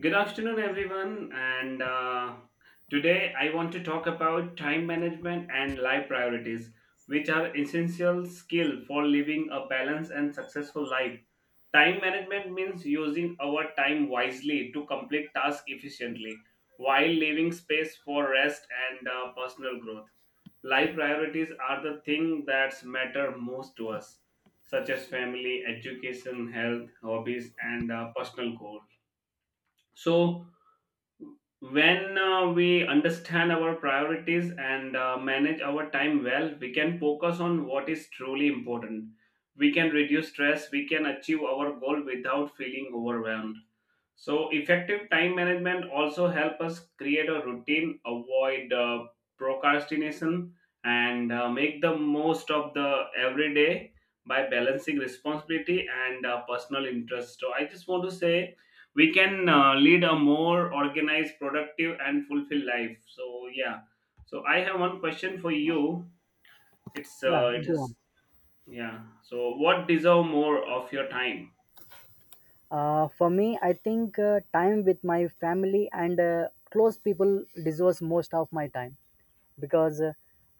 Good afternoon, everyone. And Today I want to talk about time management and life priorities, which are essential skill for living a balanced and successful life. Time management means using our time wisely to complete tasks efficiently while leaving space for rest and personal growth. Life priorities are the thing that matter most to us, such as family, education, health, hobbies, and personal goals. So when we understand our priorities and manage our time well, we can focus on what is truly important. We can reduce stress, we can achieve our goal without feeling overwhelmed. So, effective time management also help us create a routine, avoid procrastination, and make the most of the everyday by balancing responsibility and personal interest. So, I just want to say we can lead a more organized productive and fulfilled life, so yeah. So I have one question for you. it's Yeah, uh, it go on. is Yeah, so what deserve more of your time? For me, I think time with my family and close people deserves most of my time because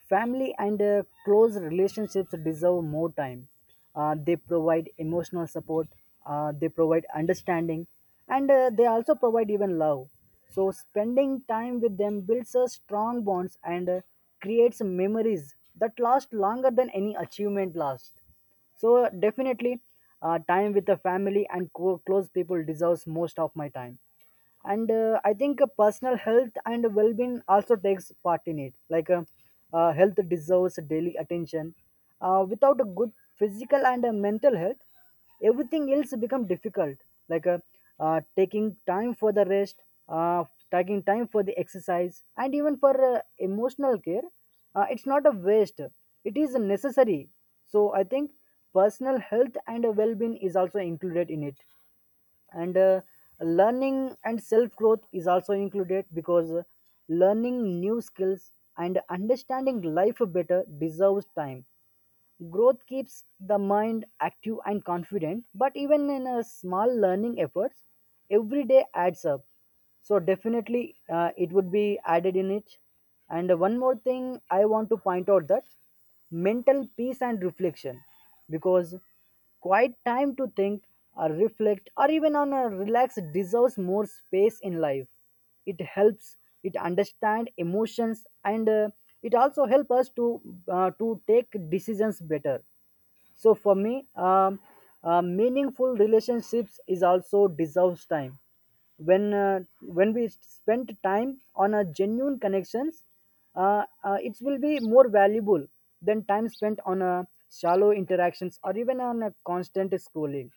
family and close relationships deserve more time. They provide emotional support, they provide understanding, and they also provide even love. So, spending time with them builds a strong bonds and creates memories that last longer than any achievement lasts. So definitely, time with the family and close people deserves most of my time. And I think personal health and well-being also takes part in it. Health deserves daily attention. Without a good physical and mental health, everything else become difficult like taking time for the rest, uh, taking time for the exercise and even for emotional care. It's not a waste, it is necessary. So I think personal health and well-being is also included in it. And learning and self-growth is also included because learning new skills and understanding life better deserves time. Growth keeps the mind active and confident, but even in a small learning efforts, every day adds up. So definitely, it would be added in it. And one more thing I want to point out that mental peace and reflection, because quiet time to think or reflect or even on a relax deserves more space in life. It helps it understand emotions, and it also helps us to take decisions better. So for me, meaningful relationships is also deserves time. when uh, when we spend time on a genuine connections, it will be more valuable than time spent on a shallow interactions or even on a constant scrolling.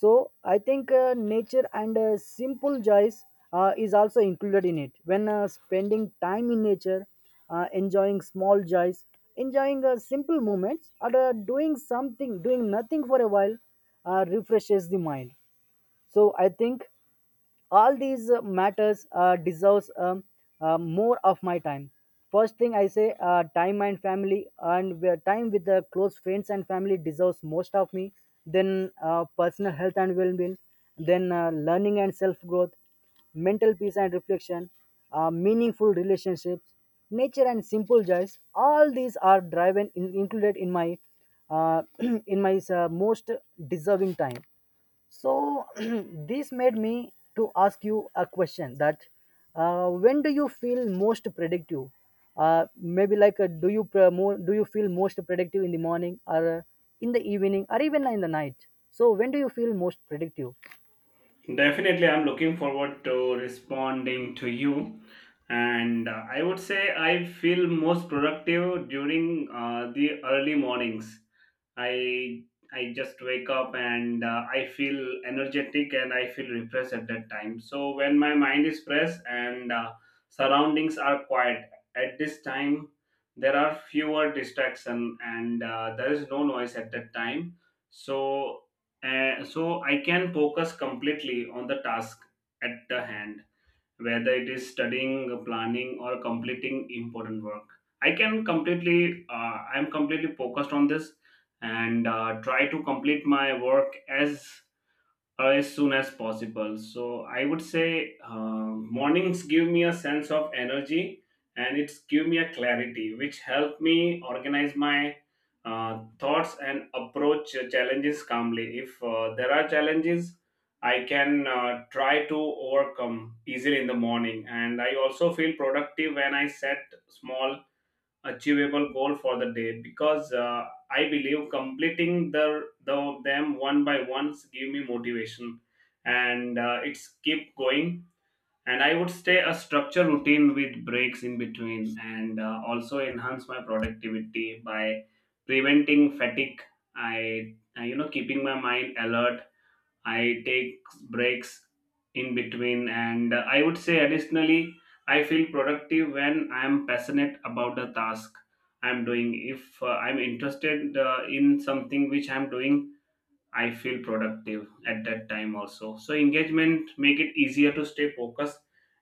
So I think nature and simple joys is also included in it. When spending time in nature, enjoying small joys, enjoying simple moments, or doing something, doing nothing for a while, refreshes the mind. So I think all these matters deserves more of my time. First thing I say, time and family and where time with the close friends and family deserves most of me, then personal health and well-being, then learning and self-growth, mental peace and reflection, meaningful relationships, nature and simple joys. All these are driven in, included in my uh, in my most deserving time. So this made me to ask you a question that when do you feel most productive? Maybe like, do you more, do you feel most productive in the morning or in the evening or even in the night? So when do you feel most productive? Definitely, I'm looking forward to responding to you. And I would say I feel most productive during the early mornings. I I just wake up and I feel energetic and I feel refreshed at that time. So when my mind is fresh and surroundings are quiet at this time, there are fewer distraction and there is no noise at that time. So so I can focus completely on the task at the hand, whether it is studying, planning, or completing important work. I'm completely focused on this and try to complete my work as soon as possible. So I would say mornings give me a sense of energy and it's give me a clarity, which help me organize my thoughts and approach challenges calmly. If there are challenges, I can try to overcome easily in the morning, and I also feel productive when I set small achievable goal for the day because I believe completing the them one by ones give me motivation and it's keep going, and I would stay a structure routine with breaks in between and also enhance my productivity by preventing fatigue. I keeping my mind alert, I take breaks in between, and I would say additionally, I feel productive when I'm passionate about the task I'm doing. If I'm interested in something which I'm doing, I feel productive at that time also. So engagement make it easier to stay focused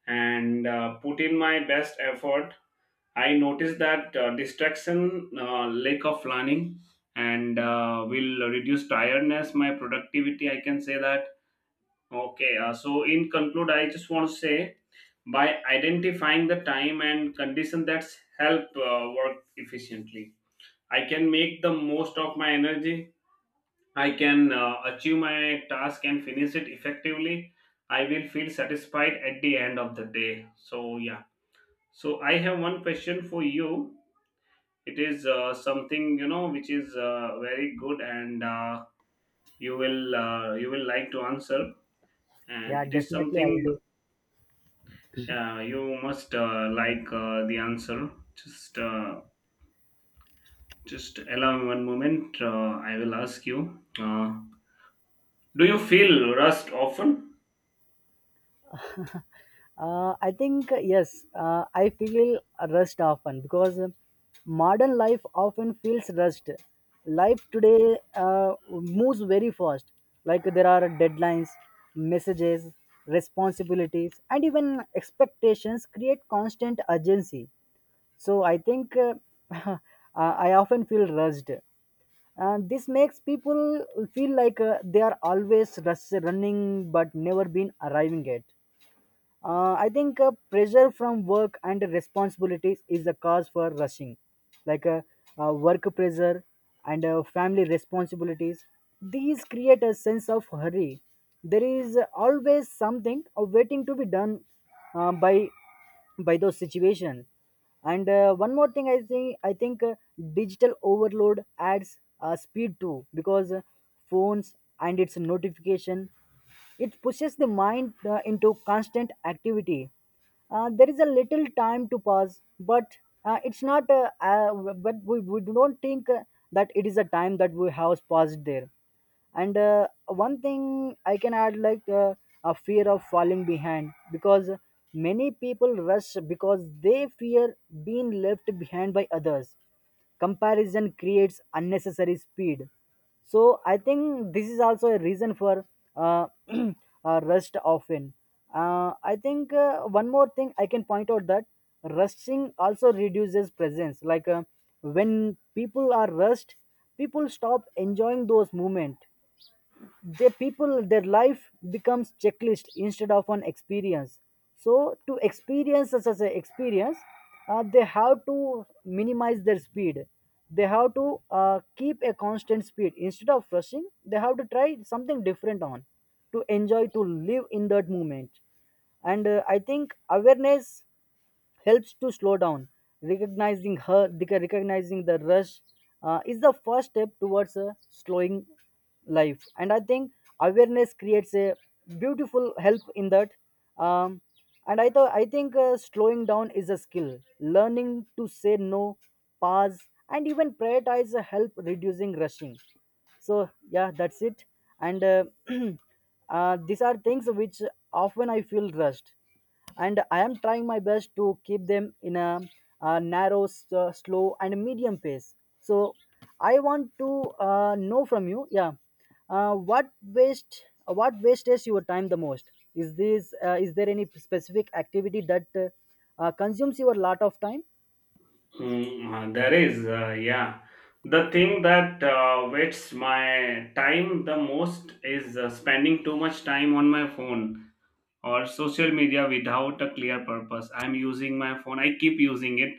and put in my best effort. I notice that distraction, lack of planning, and will reduce tiredness, my productivity. I can say that. Okay, so in conclude, I just want to say by identifying the time and condition that's help work efficiently, I can make the most of my energy. I can achieve my task and finish it effectively. I will feel satisfied at the end of the day. So yeah. So I have one question for you. It is something you know which is very good, and you will like to answer. Yeah, And it is definitely I will something. do. Yeah, you must like the answer. Just, uh, just allow me one moment. I will ask you. Do you feel rust often? I think yes, I feel rushed often because modern life often feels rushed. Life today moves very fast. Like, there are deadlines, messages, responsibilities, and even expectations create constant urgency. So I think uh, I often feel rushed. And this makes people feel like they are always running but never been arriving at. I think pressure from work and responsibilities is the cause for rushing, like work pressure and family responsibilities. These create a sense of hurry. There is always something waiting to be done by those situations. And one more thing, I think digital overload adds speed too, because phones and its notification, it pushes the mind into constant activity. There is a little time to pass, but it's not. But we don't think that it is a time that we have passed there. And one thing I can add, like, a fear of falling behind, because many people rush because they fear being left behind by others. Comparison creates unnecessary speed, so I think this is also a reason for uh, rest often. I think one more thing I can point out that rusting also reduces presence. Like, when people are rushed, people stop enjoying those moments. They, people, their life becomes checklist instead of an experience. So to experience such as an experience, they have to minimize their speed. They have to keep a constant speed instead of rushing. They have to try something different on to enjoy, to live in that moment. And I think awareness helps to slow down. Recognizing her, recognizing the rush is the first step towards a slowing life. And I think awareness creates a beautiful help in that. Um, and I, thought I think slowing down is a skill. Learning to say no, pause, and even prioritize help reducing rushing. So yeah, that's it. And these are things which often I feel rushed, and I am trying my best to keep them in a, uh, narrow, slow, and medium pace. So, I want to know from you, yeah, uh, what wastes your time the most? Is there any specific activity that consumes your lot of time? Mm, there is, yeah. The thing that wastes my time the most is spending too much time on my phone or social media without a clear purpose. I'm using my phone, I keep using it,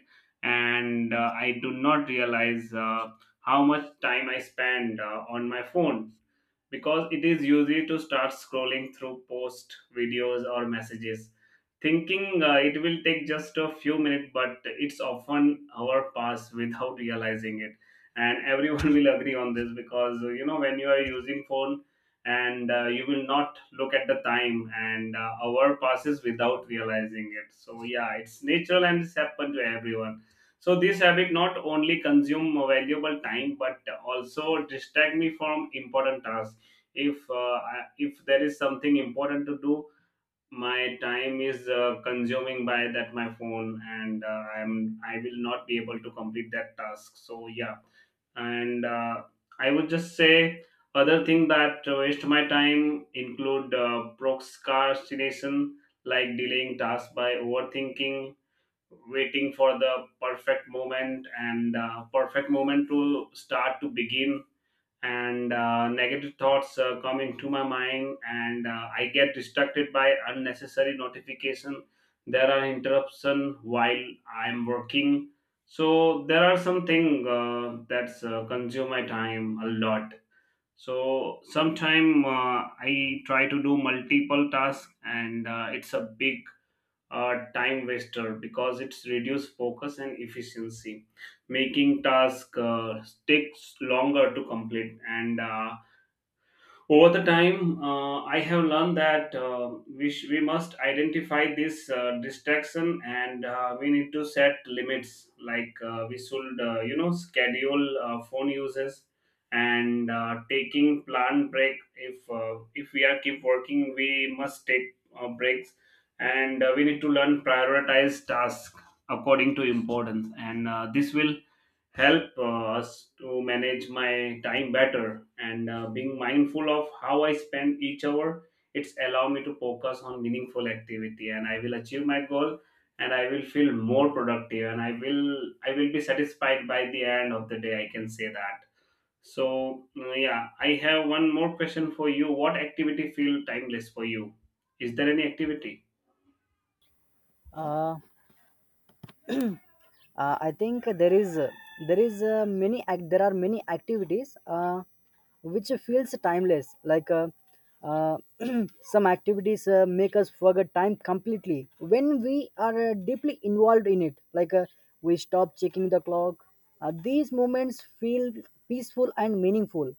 and I do not realize how much time I spend on my phone, because it is easy to start scrolling through posts, videos, or messages, thinking it will take just a few minutes, but it's often hour pass without realizing it. And everyone will agree on this because you know when you are using phone and you will not look at the time and hour passes without realizing it, so yeah, it's natural and it's happened to everyone. So this habit not only consume valuable time but also distract me from important tasks. If uh, I- if there is something important to do, my time is consuming by that my phone, and I will not be able to complete that task, so yeah. And I would just say other thing that waste my time include procrastination, like delaying tasks by overthinking, waiting for the perfect moment and perfect moment to begin. And negative thoughts come into my mind, and I get distracted by unnecessary notification. There are interruption while I'm working, so there are something that's consume my time a lot. So sometime I try to do multiple tasks, and it's a big a time waster because it's reduced focus and efficiency, making task takes longer to complete and over the time, I have learned that we must identify this distraction, and we need to set limits. Like we should, schedule phone uses and taking planned break. If we are keep working, we must take breaks, and we need to learn prioritize tasks according to importance. And this will help us to manage my time better, and being mindful of how I spend each hour, it's allow me to focus on meaningful activity and I will achieve my goal, and I will feel more productive, and I will be satisfied by the end of the day, I can say that. So yeah, I have one more question for you. What activity feel timeless for you? Is there any activity? Uh, I think there is many act, there are many activities which feels timeless. Like uh, some activities make us forget time completely when we are deeply involved in it. Like, we stop checking the clock. These moments feel peaceful and meaningful.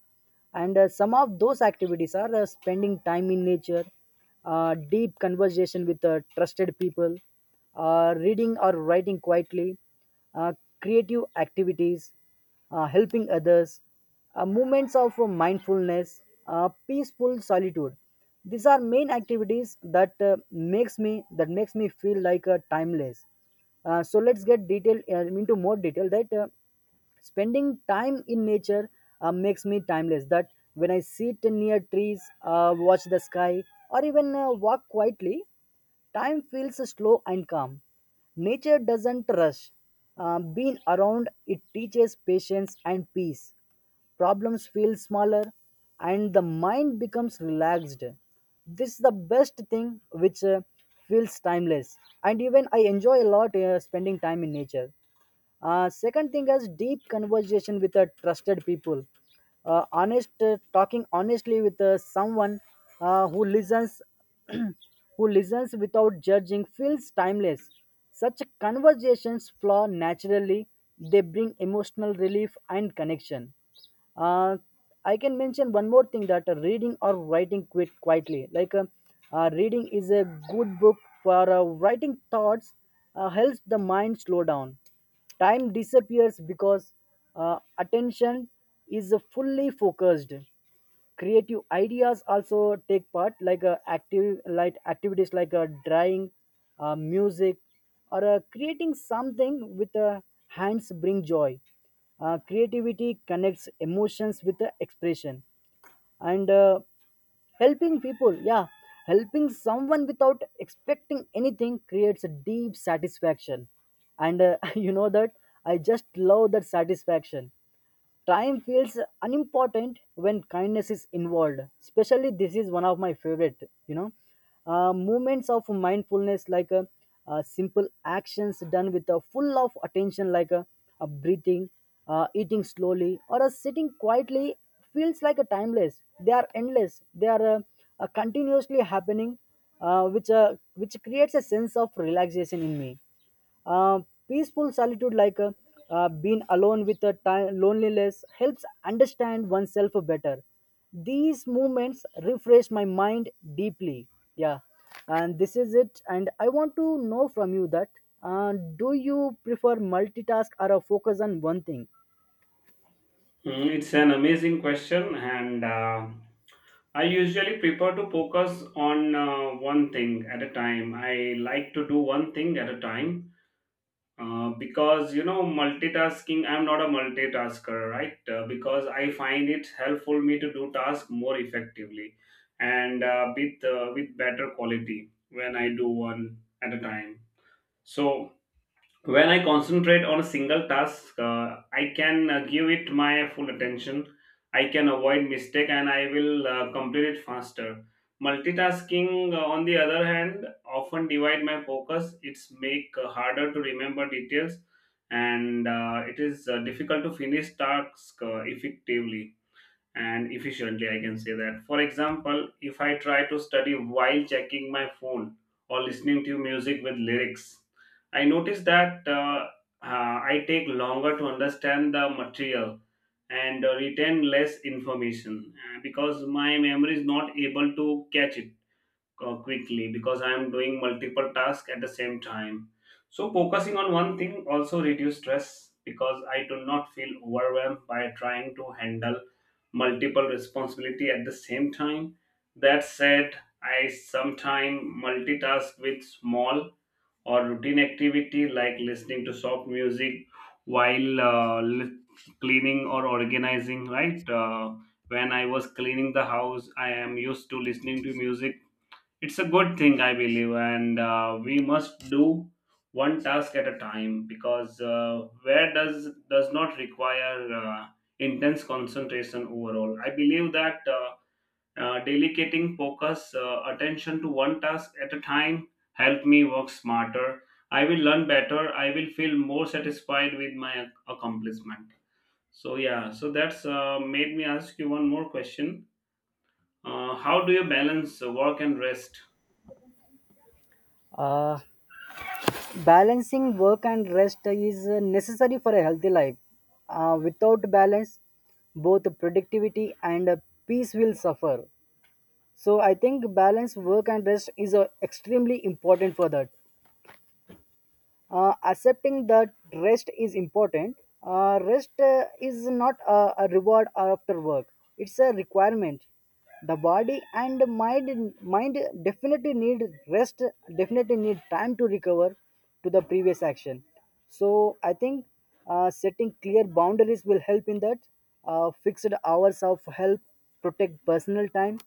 And some of those activities are spending time in nature, deep conversation with trusted people, reading or writing quietly, uh, creative activities, helping others, movements of mindfulness, peaceful solitude. These are main activities that makes me feel like a timeless. So let's get detail into more detail, that spending time in nature makes me timeless. That when I sit near trees, watch the sky, or even walk quietly, time feels slow and calm. Nature doesn't rush. Being around it teaches patience and peace. Problems feel smaller, and the mind becomes relaxed. This is the best thing which feels timeless, and even I enjoy a lot spending time in nature. Second thing is deep conversation with a trusted people. Honest talking honestly with someone who listens, who listens without judging feels timeless. Such conversations flow naturally. They bring emotional relief and connection. uh, I can mention one more thing, that reading or writing quit quietly. Like, reading is a good book for writing thoughts helps the mind slow down. Time disappears because attention is fully focused. Creative ideas also take part, like activities like drawing, music, or creating something with hands bring joy. Creativity connects emotions with the expression, and helping people. Yeah, helping someone without expecting anything creates a deep satisfaction, and you know that I just love that satisfaction. Time feels unimportant when kindness is involved. Especially, this is one of my favorite, you know. Moments of mindfulness, like simple actions done with a full of attention, like a breathing, eating slowly, or a sitting quietly, feels like a timeless. They are endless. They are continuously happening, which creates a sense of relaxation in me. Peaceful solitude, like being alone with the time, loneliness, helps understand oneself better. These movements refresh my mind deeply. Yeah, and this is it. And I want to know from you that do you prefer multitask or a focus on one thing? Mm, it's an amazing question, and I usually prefer to focus on one thing at a time. I like to do one thing at a time because you know multitasking. I'm not a multitasker, right? Because I find it helpful me to do tasks more effectively and with with better quality when I do one at a time. So when I concentrate on a single task, I can give it my full attention, I can avoid mistake and I will complete it faster. Multitasking on the other hand often divide my focus, it's make harder to remember details, and it is difficult to finish tasks effectively and efficiently, I can say that. For example, if I try to study while checking my phone or listening to music with lyrics, i notice that I take longer to understand the material and retain less information because my memory is not able to catch it quickly, because I am doing multiple tasks at the same time. So focusing on one thing also reduce stress because I do not feel overwhelmed by trying to handle multiple responsibility at the same time. That said, I sometimes multitask with small or routine activity like listening to soft music while cleaning or organizing. Right, when I was cleaning the house, I am used to listening to music. It's a good thing, I believe, and we must do one task at a time because where does not require intense concentration overall. I believe that delegating focus attention to one task at a time help me work smarter. I will learn better. I will feel more satisfied with my accomplishment. So yeah, so that's made me ask you one more question. How do you balance work and rest? Uh, Balancing work and rest is necessary for a healthy life. Without balance, both productivity and peace will suffer. So I think balance work and rest is extremely important for that. Accepting that rest is important. Rest is not a, a reward after work. It's a requirement. The body and mind definitely need rest. Definitely need time to recover to the previous action, so I think setting clear boundaries will help in that. Fixed hours of help protect personal time.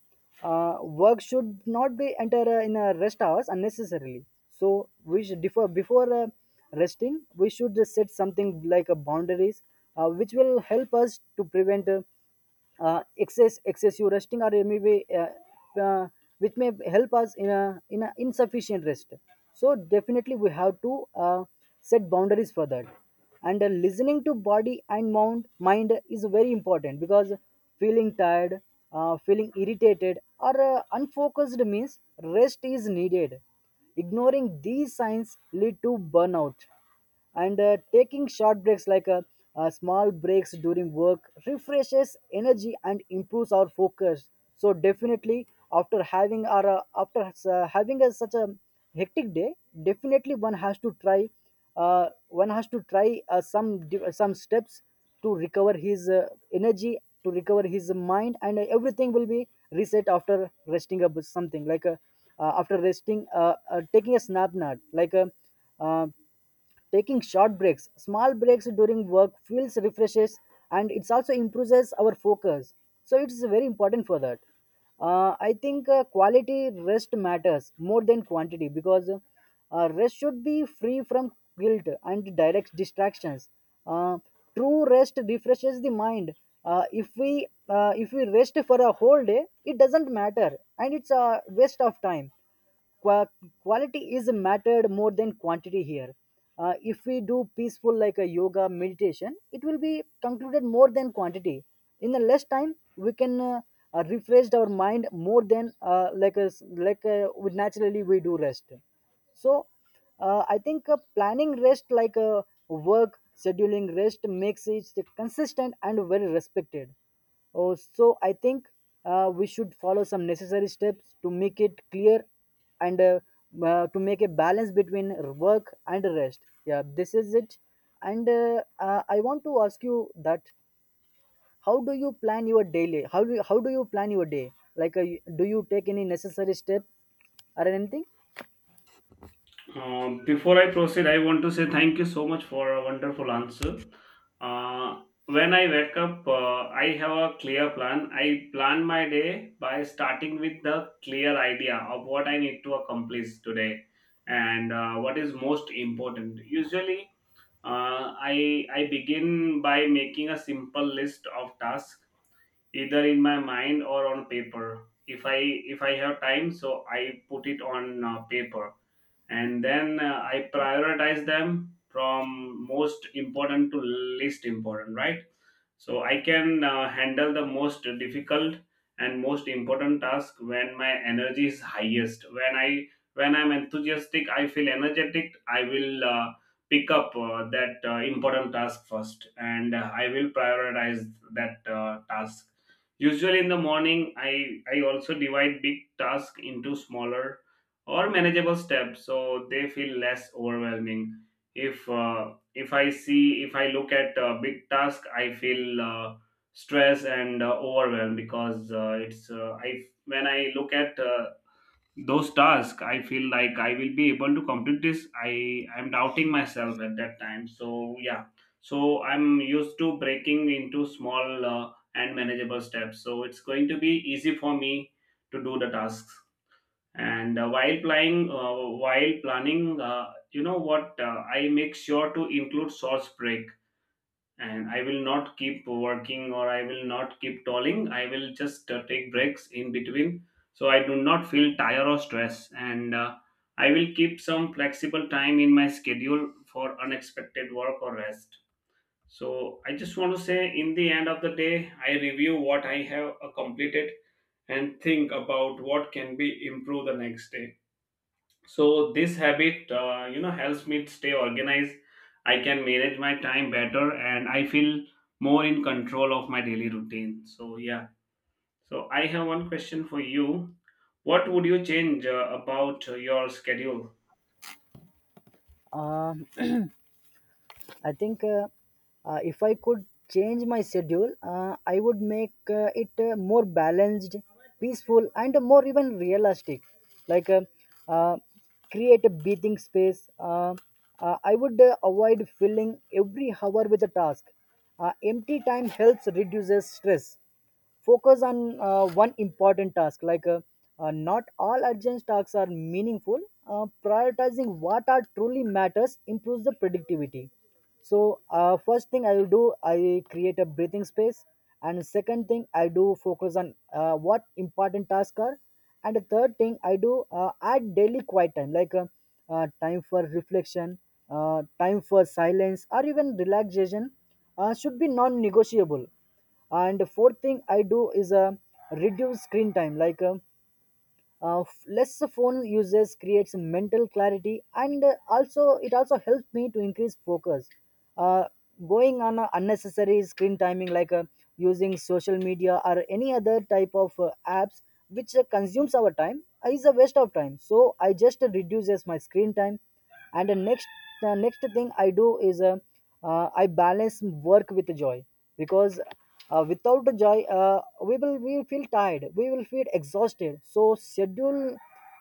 uh, Work should not be enter in a rest hours unnecessarily. So we should before resting, we should just set something like a boundaries, which will help us to prevent excessive resting, or maybe uh, uh, which may help us in a insufficient rest. So definitely we have to uh, set boundaries for that. And listening to body and mind is very important because feeling tired, feeling irritated or unfocused means rest is needed. Ignoring these signs lead to burnout. And taking short breaks, like small breaks during work, refreshes energy and improves our focus. So definitely after having our after having a such a hectic day, definitely one has to try, one has to try some steps to recover his energy, to recover his mind, and everything will be reset after resting up with something like after resting taking a snap nap like uh, taking short breaks, small breaks during work feels refreshes, and it also improves our focus. So it is very important for that. I think quality rest matters more than quantity, because rest should be free from guilt and direct distractions. Uh, True rest refreshes the mind. If we rest for a whole day, it doesn't matter and it's a waste of time. Qua- Quality is mattered more than quantity here. If we do peaceful like a yoga meditation, it will be concluded more than quantity. In a less time, we can refresh our mind more than like a, like we naturally, we do rest. So I think planning rest, like work scheduling rest, makes it consistent and very respected. Oh, so I think we should follow some necessary steps to make it clear, and to make a balance between work and rest. Yeah, this is it. And I want to ask you that, how do you plan your daily how do you plan your day, like do you take any necessary step or anything? Before I proceed, I want to say thank you so much for a wonderful answer. Uh, when I wake up, I have a clear plan. I plan my day by starting with the clear idea of what I need to accomplish today and what is most important. Usually, I begin by making a simple list of tasks, either in my mind or on paper. If I if i have time, so I put it on paper, and then I prioritize them from most important to least important, right, so I can handle the most difficult and most important task when my energy is highest, when I'm enthusiastic, I feel energetic. I will pick up that important task first, and I will prioritize that task usually in the morning. I also divide big task into smaller or manageable steps, so they feel less overwhelming. If I look at a big task, I feel stressed and overwhelmed, because it's I when I look at those tasks, I feel like I will be able to complete this. I'm doubting myself at that time, so yeah, so I'm used to breaking into small and manageable steps, so it's going to be easy for me to do the tasks. And while planning, I make sure to include source break, and I will not keep working, or I will not keep tolling. I will just take breaks in between, so I do not feel tired or stress. And I will keep some flexible time in my schedule for unexpected work or rest. So I just want to say, in the end of the day, I review what I have completed and think about what can be improved the next day. So this habit you know helps me stay organized. I can manage my time better, and I feel more in control of my daily routine, so yeah, so I have one question for you. What would you change about your schedule? Um, I think if I could change my schedule, I would make it more balanced, peaceful, and more even realistic. Like uh, create a breathing space. I would avoid filling every hour with a task. Empty time helps reduces stress. Focus on one important task, like not all urgent tasks are meaningful. Prioritizing what are truly matters improves the productivity. So first thing I will do, I create a breathing space. And second thing I do, focus on what important tasks are. And the third thing I do, add daily quiet time, like time for reflection, time for silence or even relaxation, should be non-negotiable. And the fourth thing I do is, reduce screen time, like less phone uses creates mental clarity, and also it also helps me to increase focus. uh, Going on a unnecessary screen timing, like using social media or any other type of apps which consumes our time is a waste of time, so I just reduces my screen time. And the next thing I do is, I balance work with joy, because without the joy, we will, we will feel tired, we will feel exhausted. So schedule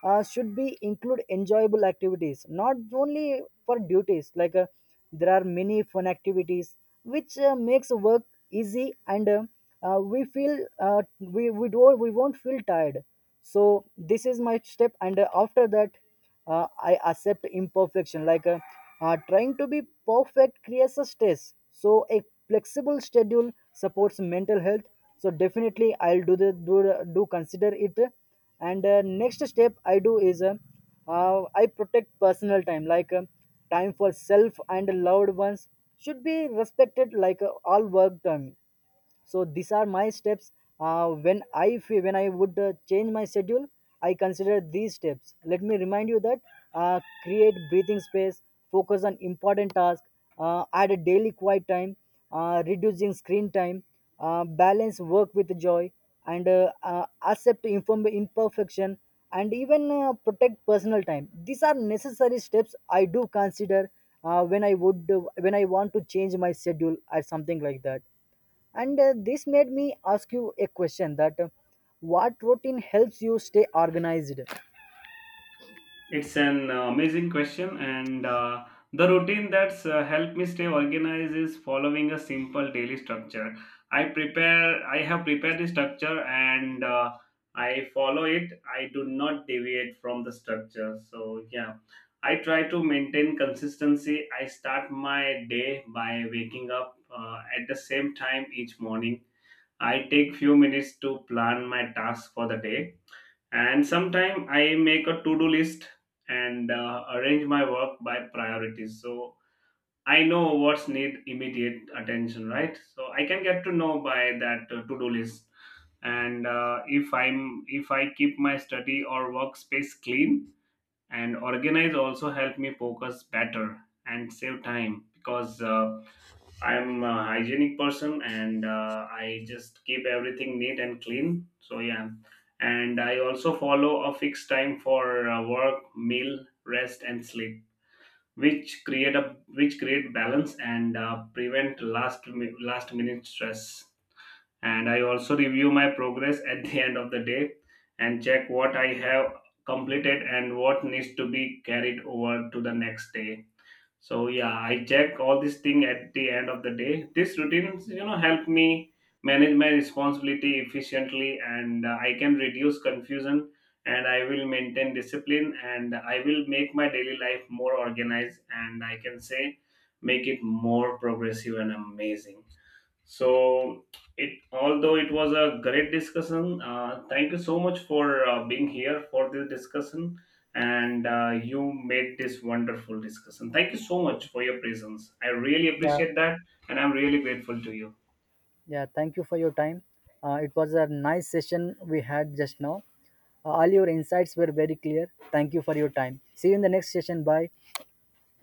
should be include enjoyable activities, not only for duties, like there are many fun activities which makes work easy, and we feel we don't, we won't feel tired. So this is my step. And after that, I accept imperfection, like trying to be perfect creates a stress, so a flexible schedule supports mental health. So definitely I'll do do consider it. And next step I do is, I protect personal time, like time for self and loved ones should be respected, like all work time. So these are my steps when when I would change my schedule. I consider these steps. Let me remind you that create breathing space, focus on important tasks, add a daily quiet time, reducing screen time, balance work with joy, and accept imperfection, and even protect personal time. These are necessary steps I do consider when I would, when I want to change my schedule or something like that. And this made me ask you a question that, what routine helps you stay organized? It's an amazing question, and the routine that's helped me stay organized is following a simple daily structure. I prepare, I have prepared the structure, and I follow it. I do not deviate from the structure. So yeah, I try to maintain consistency. I start my day by waking up at the same time each morning. I take few minutes to plan my tasks for the day, and sometime I make a to-do list, and arrange my work by priorities, so I know what's need immediate attention, right, so I can get to know by that to-do list. And if I keep my study or workspace clean and organized, also help me focus better and save time, because I'm a hygienic person, and I just keep everything neat and clean. So yeah, and I also follow a fixed time for work, meal, rest, and sleep, which create a which create balance and prevent last minute stress. And I also review my progress at the end of the day and check what I have completed and what needs to be carried over to the next day. So yeah, I check all these thing at the end of the day. These routines, you know, help me manage my responsibility efficiently, and I can reduce confusion, and I will maintain discipline, and I will make my daily life more organized, and I can say make it more progressive and amazing. So it although it was a great discussion, thank you so much for being here for this discussion, and you made this wonderful discussion. Thank you so much for your presence. I really Yeah, appreciate that, and I'm really grateful to you. yeah, thank you for your time. It was a nice session we had just now. All your insights were very clear. Thank you for your time. See you in the next session. Bye.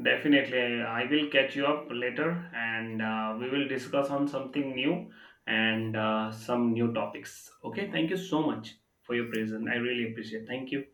Definitely, I will catch you up later, and we will discuss on something new and some new topics. Okay, thank you so much for your presence. I really appreciate. Thank you.